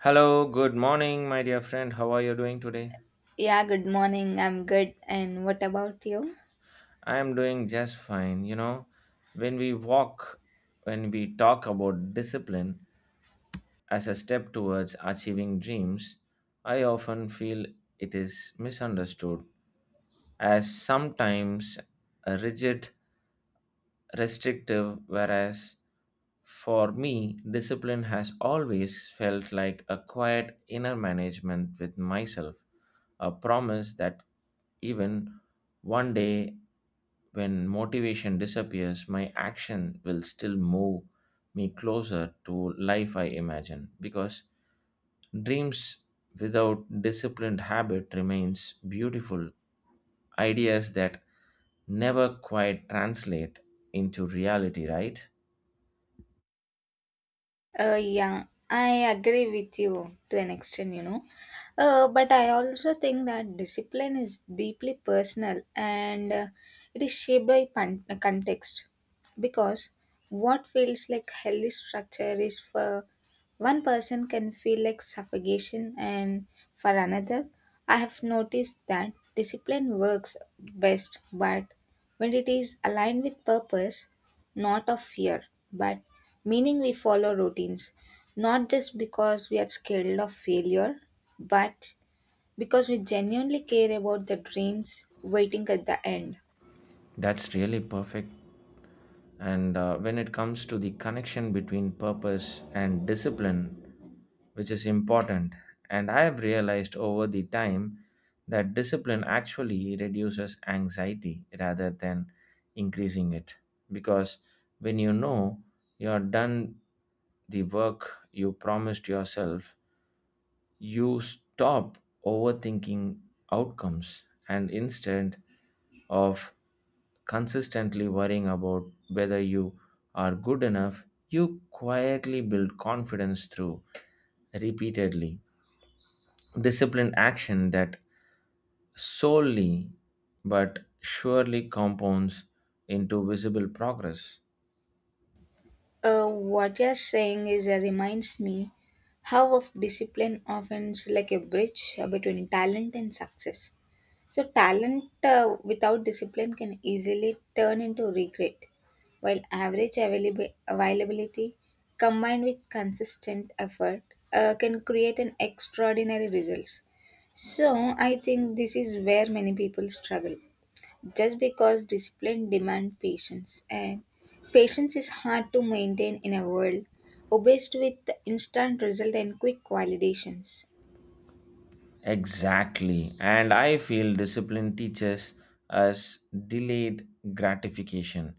Hello, good morning, my dear friend. How are you doing today? Yeah, good morning. I'm good. And what about you? I am doing just fine. You know, when we walk, when we talk about discipline as a step towards achieving dreams, I often feel it is misunderstood as sometimes rigid, restrictive, whereas for me, discipline has always felt like a quiet inner management with myself, a promise that even one day when motivation disappears, my action will still move me closer to life I imagine because dreams without disciplined habit remains beautiful ideas that never quite translate into reality, right? Yeah, I agree with you to an extent, you know. But I also think that discipline is deeply personal and it is shaped by context, because what feels like healthy structure is for one person can feel like suffocation and for another. I have noticed that discipline works best but when it is aligned with purpose, not of fear, but meaning. We follow routines, not just because we are scared of failure, but because we genuinely care about the dreams waiting at the end. That's really perfect. And when it comes to the connection between purpose and discipline, which is important, and I have realized over the time that discipline actually reduces anxiety rather than increasing it. Because when you know you are done the work you promised yourself, you stop overthinking outcomes and instead of consistently worrying about whether you are good enough, you quietly build confidence through repeatedly disciplined action that solely but surely compounds into visible progress. What you're saying is reminds me how of discipline often is like a bridge between talent and success. So talent without discipline can easily turn into regret, while average availability combined with consistent effort can create an extraordinary results. So I think this is where many people struggle just because discipline demands patience, and patience is hard to maintain in a world obsessed with instant result and quick validations. Exactly. And I feel discipline teaches us delayed gratification,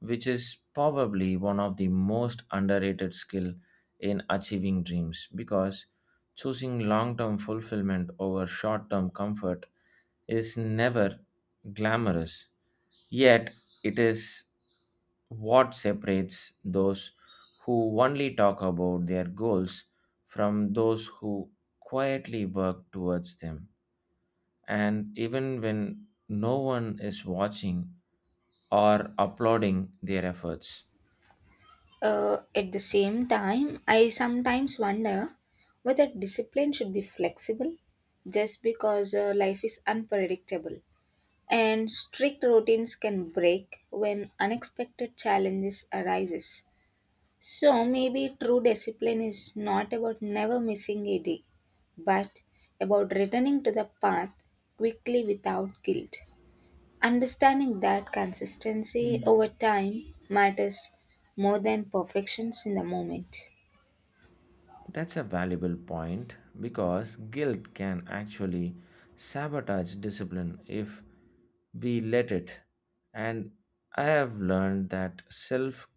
which is probably one of the most underrated skill in achieving dreams because choosing long-term fulfillment over short-term comfort is never glamorous. Yet, it is what separates those who only talk about their goals from those who quietly work towards them. And even when no one is watching or applauding their efforts. uh, at the same time, I sometimes wonder whether discipline should be flexible just because life is unpredictable and strict routines can break when unexpected challenges arises. So maybe true discipline is not about never missing a day, but about returning to the path quickly without guilt, understanding that consistency over time matters more than perfections in the moment. That's a valuable point because guilt can actually sabotage discipline if we let it. And I have learned that self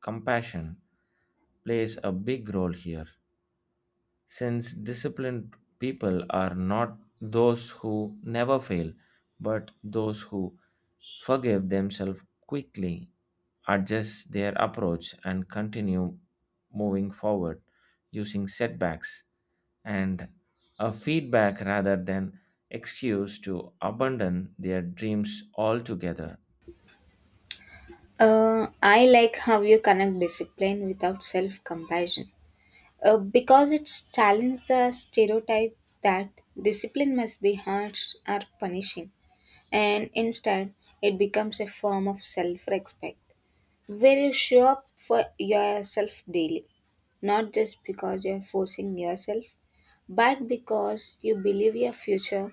compassion plays a big role here since disciplined people are not those who never fail, but those who forgive themselves quickly, adjust their approach, and continue moving forward using setbacks and a feedback rather than excuse to abandon their dreams altogether. I like how you connect discipline without self compassion because it challenges the stereotype that discipline must be harsh or punishing, and instead it becomes a form of self respect where you show up for yourself daily, not just because you're forcing yourself, but because you believe your future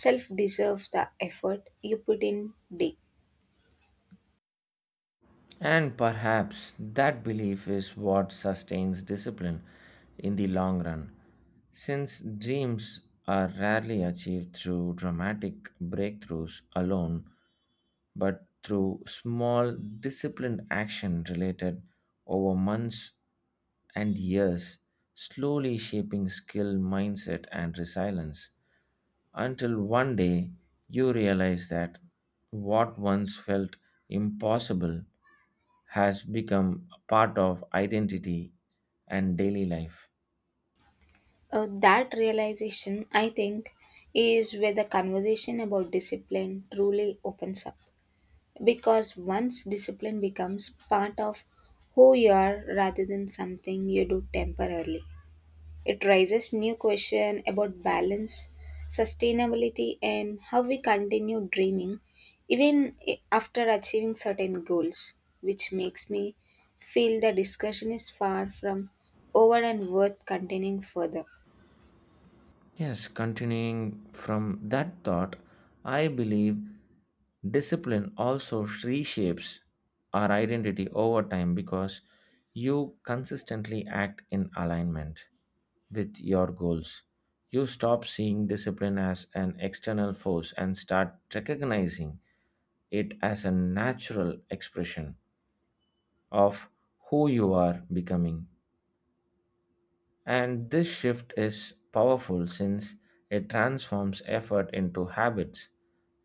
self deserves the effort you put in day. And perhaps that belief is what sustains discipline in the long run, since dreams are rarely achieved through dramatic breakthroughs alone, but through small, disciplined action related over months and years, slowly shaping skill, mindset, and resilience until one day you realize that what once felt impossible has become a part of identity and daily life. That realization, I think, is where the conversation about discipline truly opens up. Because once discipline becomes part of who you are rather than something you do temporarily. It raises new questions about balance, sustainability, and how we continue dreaming even after achieving certain goals, which makes me feel the discussion is far from over and worth continuing further. Yes, continuing from that thought, I believe discipline also reshapes our identity over time because you consistently act in alignment with your goals. You stop seeing discipline as an external force and start recognizing it as a natural expression of who you are becoming. And this shift is powerful since it transforms effort into habits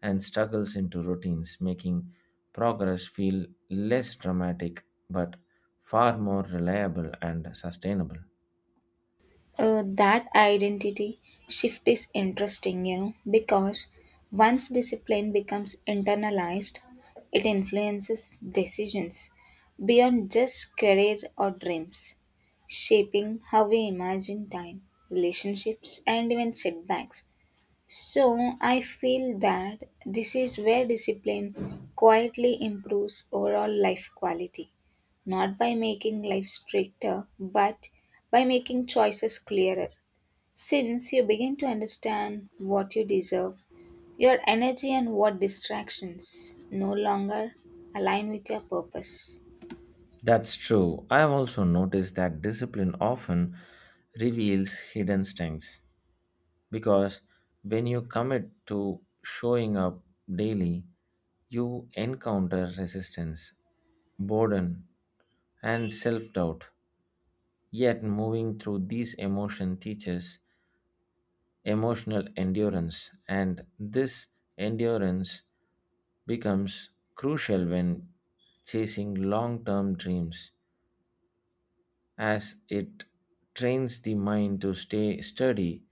and struggles into routines, making progress feel less dramatic but far more reliable and sustainable. That identity shift is interesting, you know, because once discipline becomes internalized, it influences decisions beyond just career or dreams, shaping how we imagine time, relationships, and even setbacks. So I feel that this is where discipline quietly improves overall life quality, not by making life stricter, but by making choices clearer. Since you begin to understand what you deserve, your energy and what distractions no longer align with your purpose. That's true. I have also noticed that discipline often reveals hidden strengths because when you commit to showing up daily, you encounter resistance, boredom, and self doubt. Yet, moving through these emotions teaches emotional endurance, and this endurance becomes crucial when chasing long term dreams, as it trains the mind to stay steady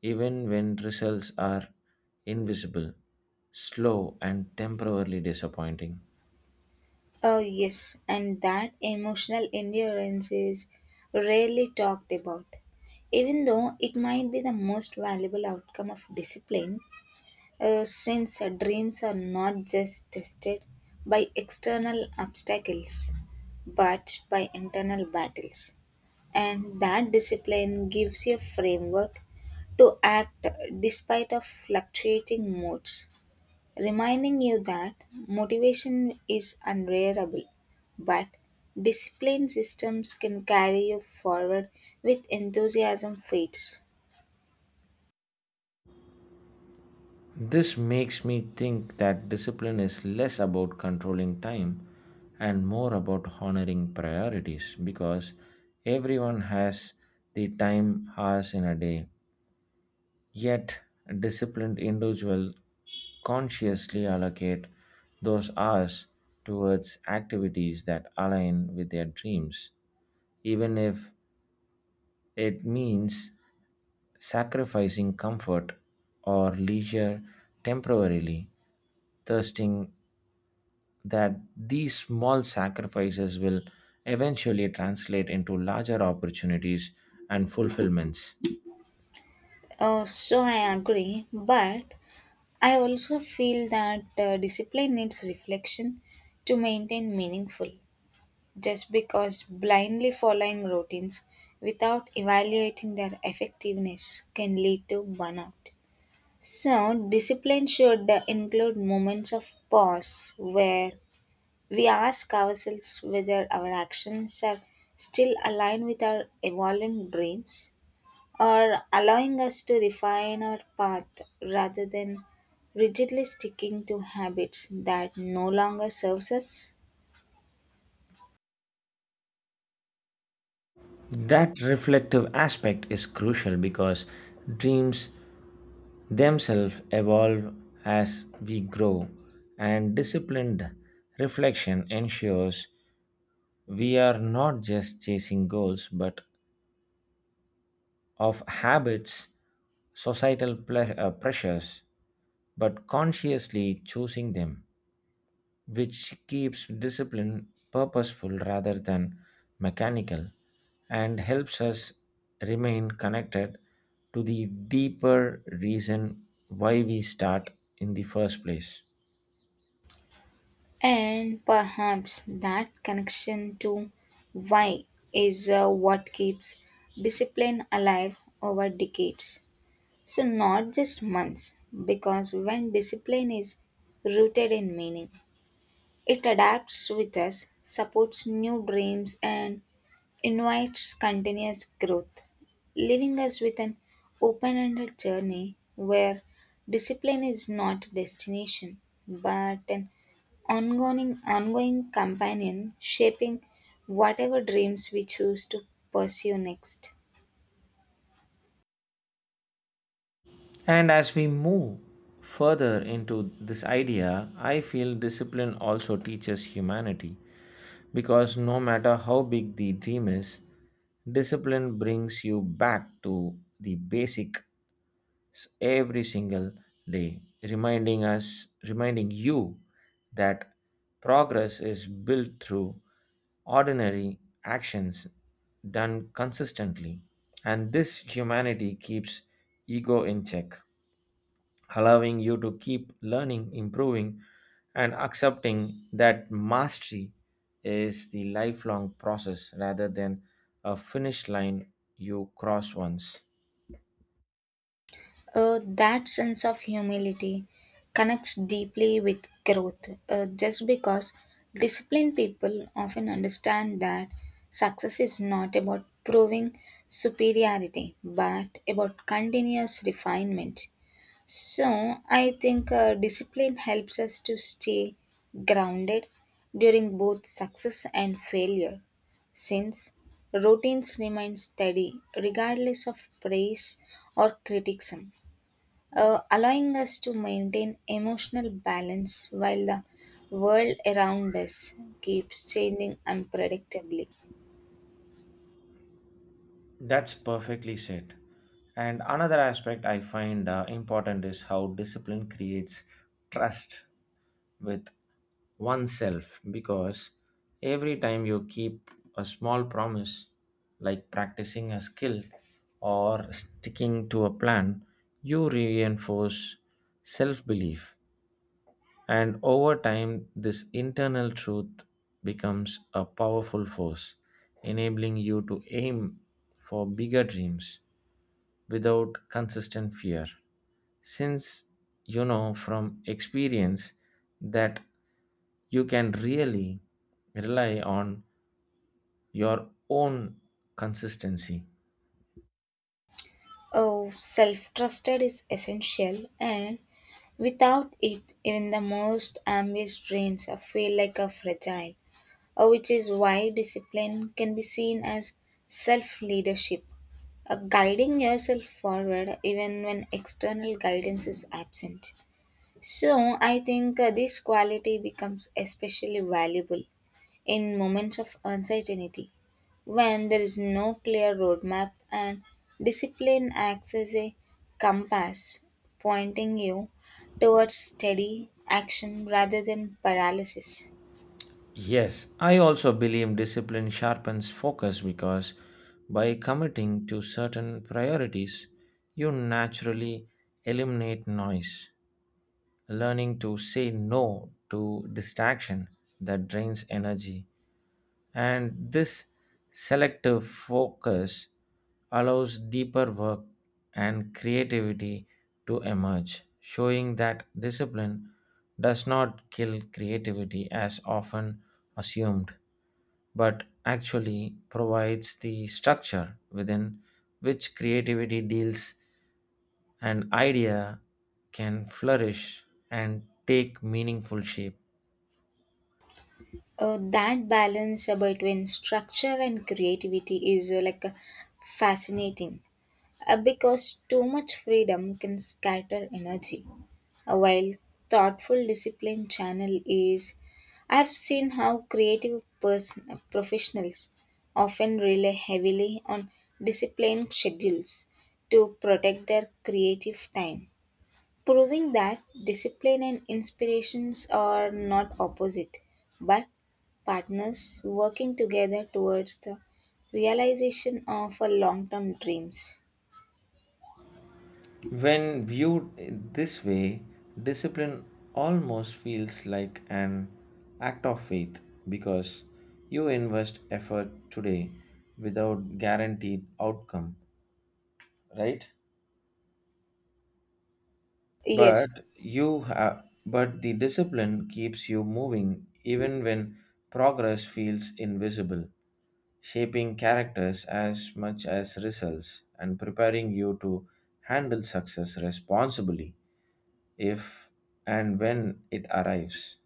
even when results are invisible, slow, and temporarily disappointing. Oh, yes, and that emotional endurance is rarely talked about. Even though it might be the most valuable outcome of discipline, since dreams are not just tested by external obstacles but by internal battles. And that discipline gives you a framework to act despite of fluctuating moods, reminding you that motivation is unreliable, but disciplined systems can carry you forward with enthusiasm fades. This makes me think that discipline is less about controlling time and more about honoring priorities because everyone has the time hours in a day. Yet, a disciplined individual consciously allocate those hours towards activities that align with their dreams, even if it means sacrificing comfort or leisure temporarily, trusting that these small sacrifices will eventually translate into larger opportunities and fulfillments. So I agree, but I also feel that discipline needs reflection to maintain meaningful. Just because blindly following routines without evaluating their effectiveness can lead to burnout. So, discipline should include moments of pause where we ask ourselves whether our actions are still aligned with our evolving dreams or allowing us to refine our path rather than rigidly sticking to habits that no longer serves us. That reflective aspect is crucial because dreams themselves evolve as we grow, and disciplined reflection ensures we are not just chasing goals but of habits, societal pressures, but consciously choosing them, which keeps discipline purposeful rather than mechanical and helps us remain connected to the deeper reason why we start in the first place. And perhaps that connection to why is what keeps discipline alive over decades. So, not just months, because when discipline is rooted in meaning, it adapts with us, supports new dreams, and invites continuous growth, leaving us with an open ended journey where discipline is not a destination but an ongoing companion shaping whatever dreams we choose to pursue next. And as we move further into this idea, I feel discipline also teaches humanity because no matter how big the dream is, discipline brings you back to the basic every single day, reminding us, reminding you that progress is built through ordinary actions done consistently. And this humanity keeps ego in check, allowing you to keep learning, improving, and accepting that mastery is the lifelong process rather than a finish line you cross once. That sense of humility connects deeply with growth, just because disciplined people often understand that success is not about proving superiority but about continuous refinement. So, I think discipline helps us to stay grounded during both success and failure, since routines remain steady regardless of praise or criticism, allowing us to maintain emotional balance while the world around us keeps changing unpredictably. That's perfectly said. And another aspect I find important is how discipline creates trust with oneself because every time you keep a small promise, like practicing a skill or sticking to a plan, you reinforce self belief. And over time, this internal truth becomes a powerful force, enabling you to aim for bigger dreams without consistent fear. Since you know from experience that you can really rely on your own consistency. Oh, self trusted is essential, and without it, even the most ambitious dreams are feel like a fragile, which is why discipline can be seen as self leadership. Guiding yourself forward even when external guidance is absent. So, I think this quality becomes especially valuable in moments of uncertainty when there is no clear roadmap and discipline acts as a compass pointing you towards steady action rather than paralysis. Yes, I also believe discipline sharpens focus because by committing to certain priorities, you naturally eliminate noise, learning to say no to distraction that drains energy. And this selective focus allows deeper work and creativity to emerge, showing that discipline does not kill creativity as often assumed, but actually provides the structure within which creativity deals and idea can flourish and take meaningful shape. That balance between structure and creativity is like fascinating, because too much freedom can scatter energy. While thoughtful discipline channel is, I've seen how creative person, professionals often rely heavily on disciplined schedules to protect their creative time, proving that discipline and inspirations are not opposite, but partners working together towards the realization of a long-term dreams. When viewed this way, discipline almost feels like an act of faith because you invest effort today without guaranteed outcome, right? Yes. But you have, but the discipline keeps you moving even when progress feels invisible, shaping characters as much as results and preparing you to handle success responsibly. If and when it arrives.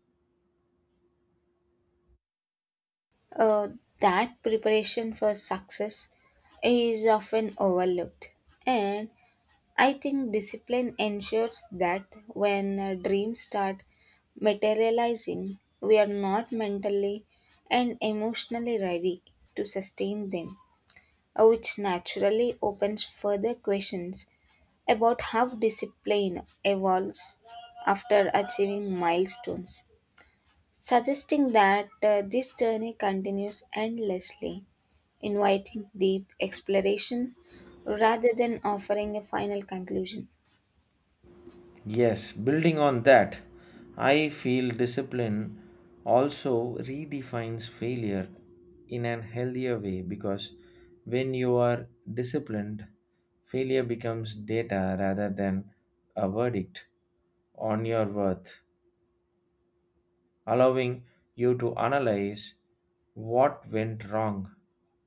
Uh, that preparation for success is often overlooked, and I think discipline ensures that when dreams start materializing, we are not mentally and emotionally ready to sustain them, which naturally opens further questions about how discipline evolves after achieving milestones, suggesting that this journey continues endlessly, inviting deep exploration rather than offering a final conclusion. Yes, building on that, I feel discipline also redefines failure in an healthier way because when you are disciplined, failure becomes data rather than a verdict on your worth, allowing you to analyze what went wrong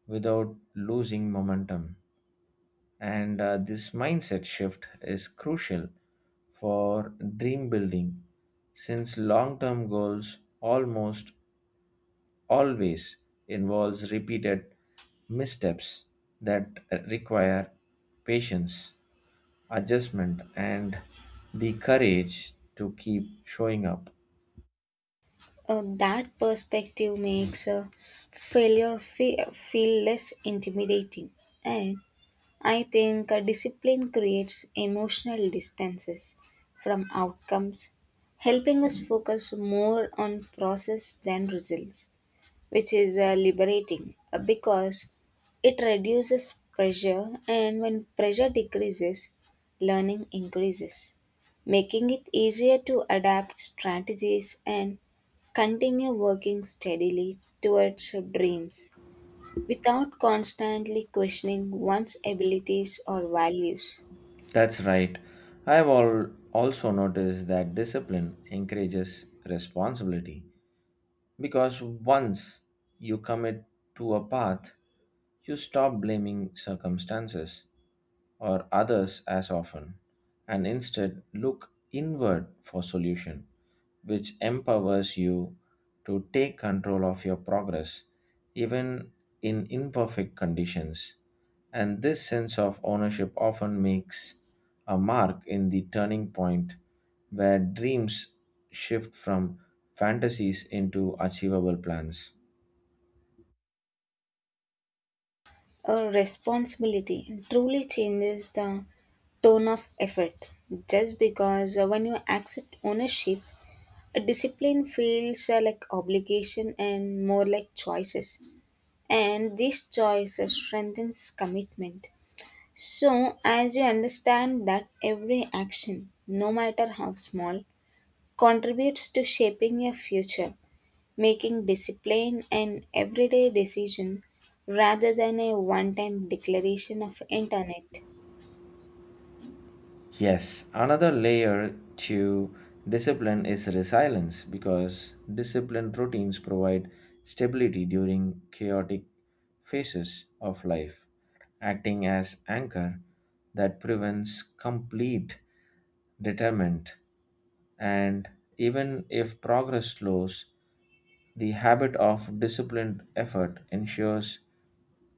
without losing momentum. And this mindset shift is crucial for dream building since long-term goals almost always involves repeated missteps that require patience, adjustment and the courage to keep showing up. That perspective makes failure feel less intimidating. And I think discipline creates emotional distances from outcomes, helping us focus more on process than results, which is liberating, because it reduces pressure, and when pressure decreases, learning increases, making it easier to adapt strategies and continue working steadily towards your dreams without constantly questioning one's abilities or values. That's right. I've all also noticed that discipline encourages responsibility. Because once you commit to a path, you stop blaming circumstances or others as often, and instead look inward for solution, which empowers you to take control of your progress even in imperfect conditions. And this sense of ownership often makes a mark in the turning point where dreams shift from fantasies into achievable plans. A responsibility truly changes the tone of effort, just because when you accept ownership, a discipline feels like obligation and more like choices. And these choices strengthens commitment. So as you understand that every action, no matter how small, contributes to shaping your future, making discipline an everyday decision rather than a one-time declaration of internet. Yes, another layer to discipline is resilience because disciplined routines provide stability during chaotic phases of life, acting as anchor that prevents complete determent. And even if progress slows, the habit of disciplined effort ensures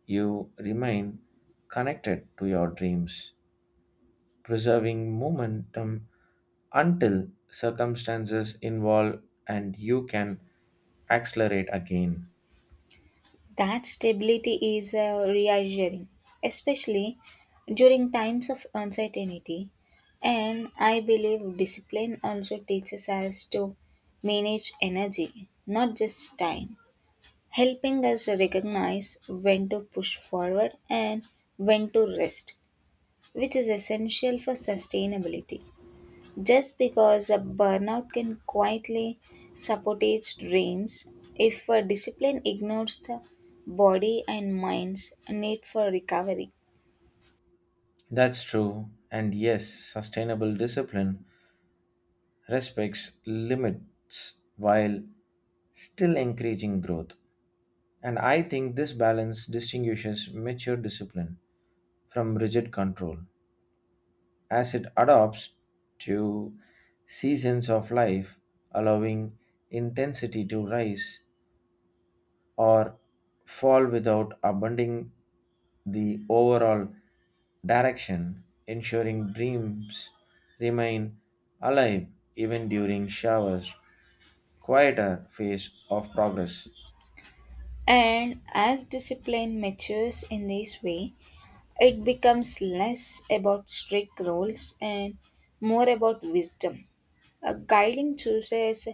you remain connected to your dreams, preserving momentum until circumstances involve and you can accelerate again. That stability is reassuring, especially during times of uncertainty. And I believe discipline also teaches us to manage energy, not just time, helping us recognize when to push forward and when to rest, which is essential for sustainability. Just because a burnout can quietly sabotage dreams, if a discipline ignores the body and mind's need for recovery. That's true. And yes, sustainable discipline respects limits while still encouraging growth. And I think this balance distinguishes mature discipline from rigid control as it adapts to seasons of life, allowing intensity to rise or fall without abandoning the overall direction, ensuring dreams remain alive even during showers, quieter phase of progress. And as discipline matures in this way, it becomes less about strict rules and more about wisdom, a guiding choices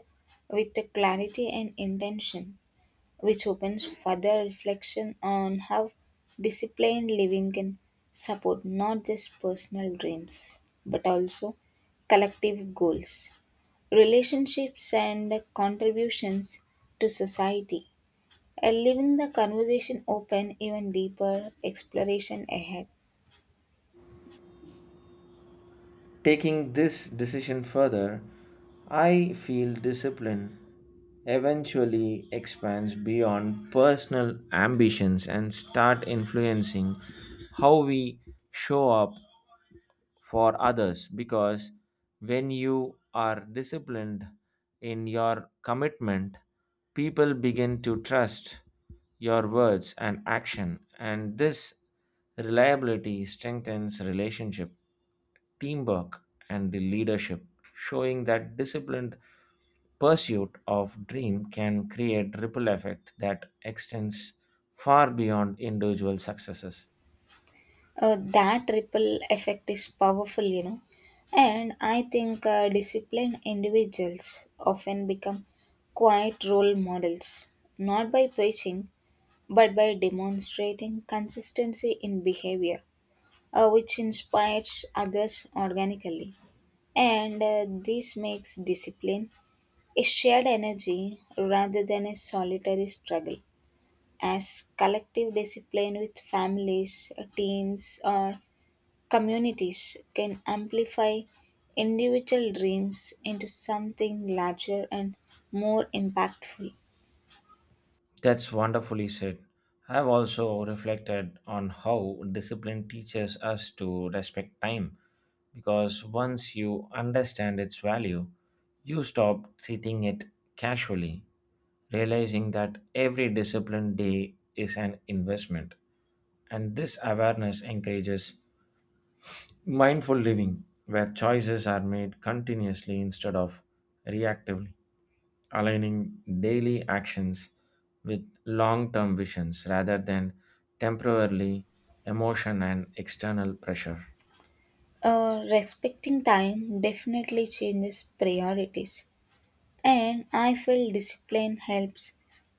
with clarity and intention, which opens further reflection on how disciplined living can support not just personal dreams but also collective goals, relationships, and contributions to society. Leaving the conversation open, even deeper exploration ahead. Taking this decision further, I feel discipline eventually expands beyond personal ambitions and start influencing how we show up for others because when you are disciplined in your commitment, people begin to trust your words and action, and this reliability strengthens relationship, teamwork, and the leadership, showing that disciplined pursuit of dream can create ripple effect that extends far beyond individual successes. That ripple effect is powerful, you know, and I think disciplined individuals often become quiet role models, not by preaching but by demonstrating consistency in behavior, which inspires others organically, and this makes discipline a shared energy rather than a solitary struggle, as collective discipline with families, teams, or communities can amplify individual dreams into something larger and more impactful. That's wonderfully said. I've also reflected on how discipline teaches us to respect time because once you understand its value, you stop treating it casually, realizing that every disciplined day is an investment. And this awareness encourages mindful living where choices are made continuously instead of reactively aligning daily actions with long term visions rather than temporarily emotion and external pressure. Respecting time definitely changes priorities, and I feel discipline helps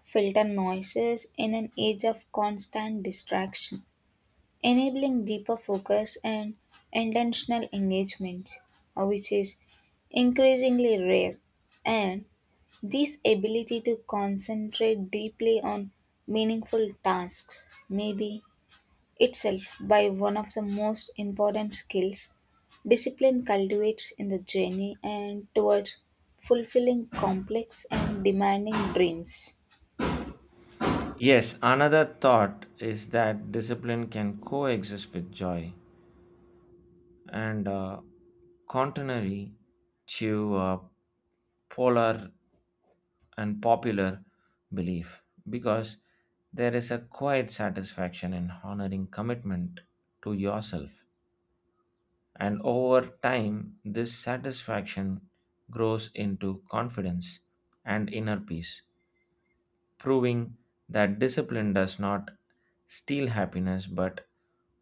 filter noises in an age of constant distraction, enabling deeper focus and intentional engagement, which is increasingly rare. And this ability to concentrate deeply on meaningful tasks may be itself by one of the most important skills discipline cultivates in the journey and towards fulfilling complex and demanding dreams. Yes, another thought is that discipline can coexist with joy and contrary to polar and popular belief because there is a quiet satisfaction in honoring commitment to yourself. And over time, this satisfaction grows into confidence and inner peace, proving that discipline does not steal happiness but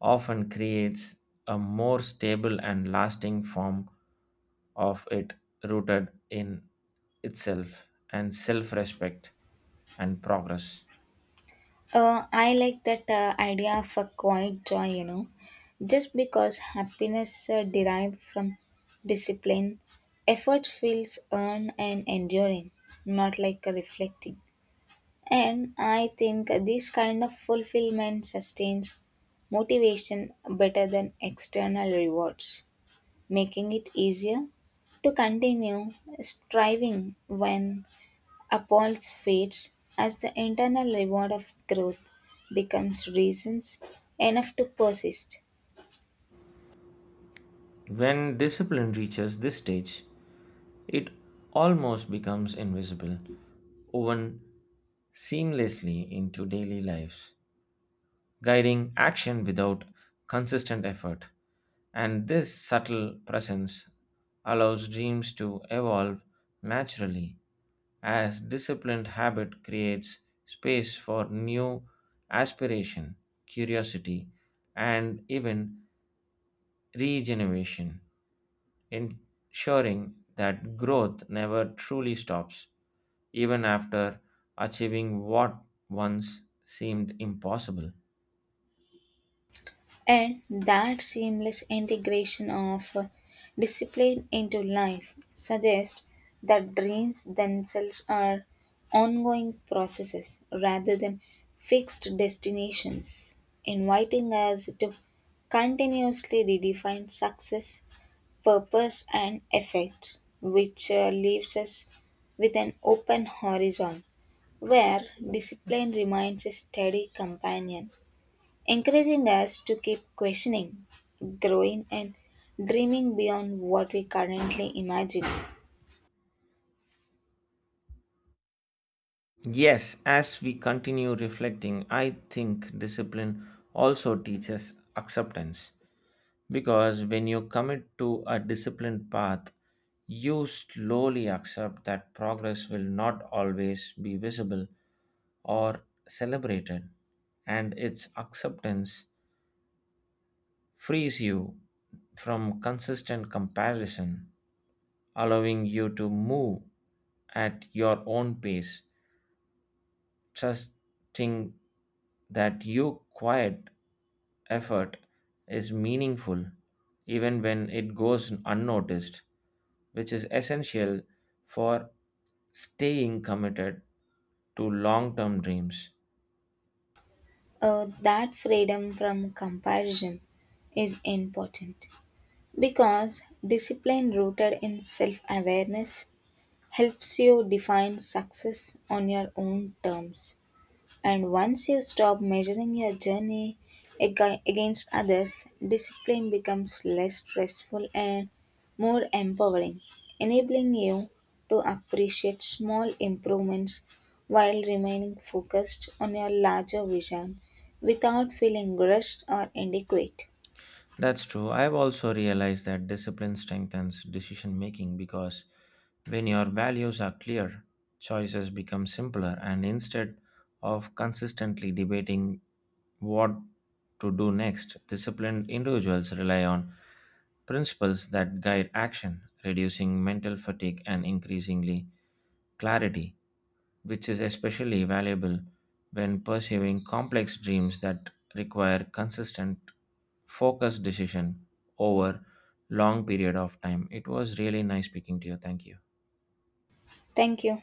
often creates a more stable and lasting form of it, rooted in itself and self respect and progress. I like that idea of a quiet joy, you know, just because happiness derived from discipline, effort feels earned and enduring, not like a reflecting. And I think this kind of fulfillment sustains motivation better than external rewards, making it easier to continue striving when Apples fades, as the internal reward of growth becomes reasons enough to persist. When discipline reaches this stage, it almost becomes invisible, woven seamlessly into daily lives, guiding action without consistent effort. And this subtle presence allows dreams to evolve naturally as disciplined habit creates space for new aspiration, curiosity, and even regeneration, ensuring that growth never truly stops, even after achieving what once seemed impossible. And that seamless integration of discipline into life suggests that dreams themselves are ongoing processes rather than fixed destinations, inviting us to continuously redefine success purpose and effect, which leaves us with an open horizon where discipline remains a steady companion, encouraging us to keep questioning, growing, and dreaming beyond what we currently imagine. Yes, as we continue reflecting, I think discipline also teaches acceptance because when you commit to a disciplined path, you slowly accept that progress will not always be visible or celebrated, and its acceptance frees you from consistent comparison, allowing you to move at your own pace, trusting that your quiet effort is meaningful even when it goes unnoticed, which is essential for staying committed to long term dreams. That freedom from comparison is important because discipline rooted in self awareness helps you define success on your own terms. And once you stop measuring your journey against others, discipline becomes less stressful and more empowering, enabling you to appreciate small improvements while remaining focused on your larger vision without feeling rushed or inadequate. That's true. I've also realized that discipline strengthens decision making because when your values are clear, choices become simpler, and instead of consistently debating what to do next, disciplined individuals rely on principles that guide action, reducing mental fatigue and increasingly clarity, which is especially valuable when pursuing complex dreams that require consistent focused decision over long period of time. It was really nice speaking to you. Thank you. Thank you.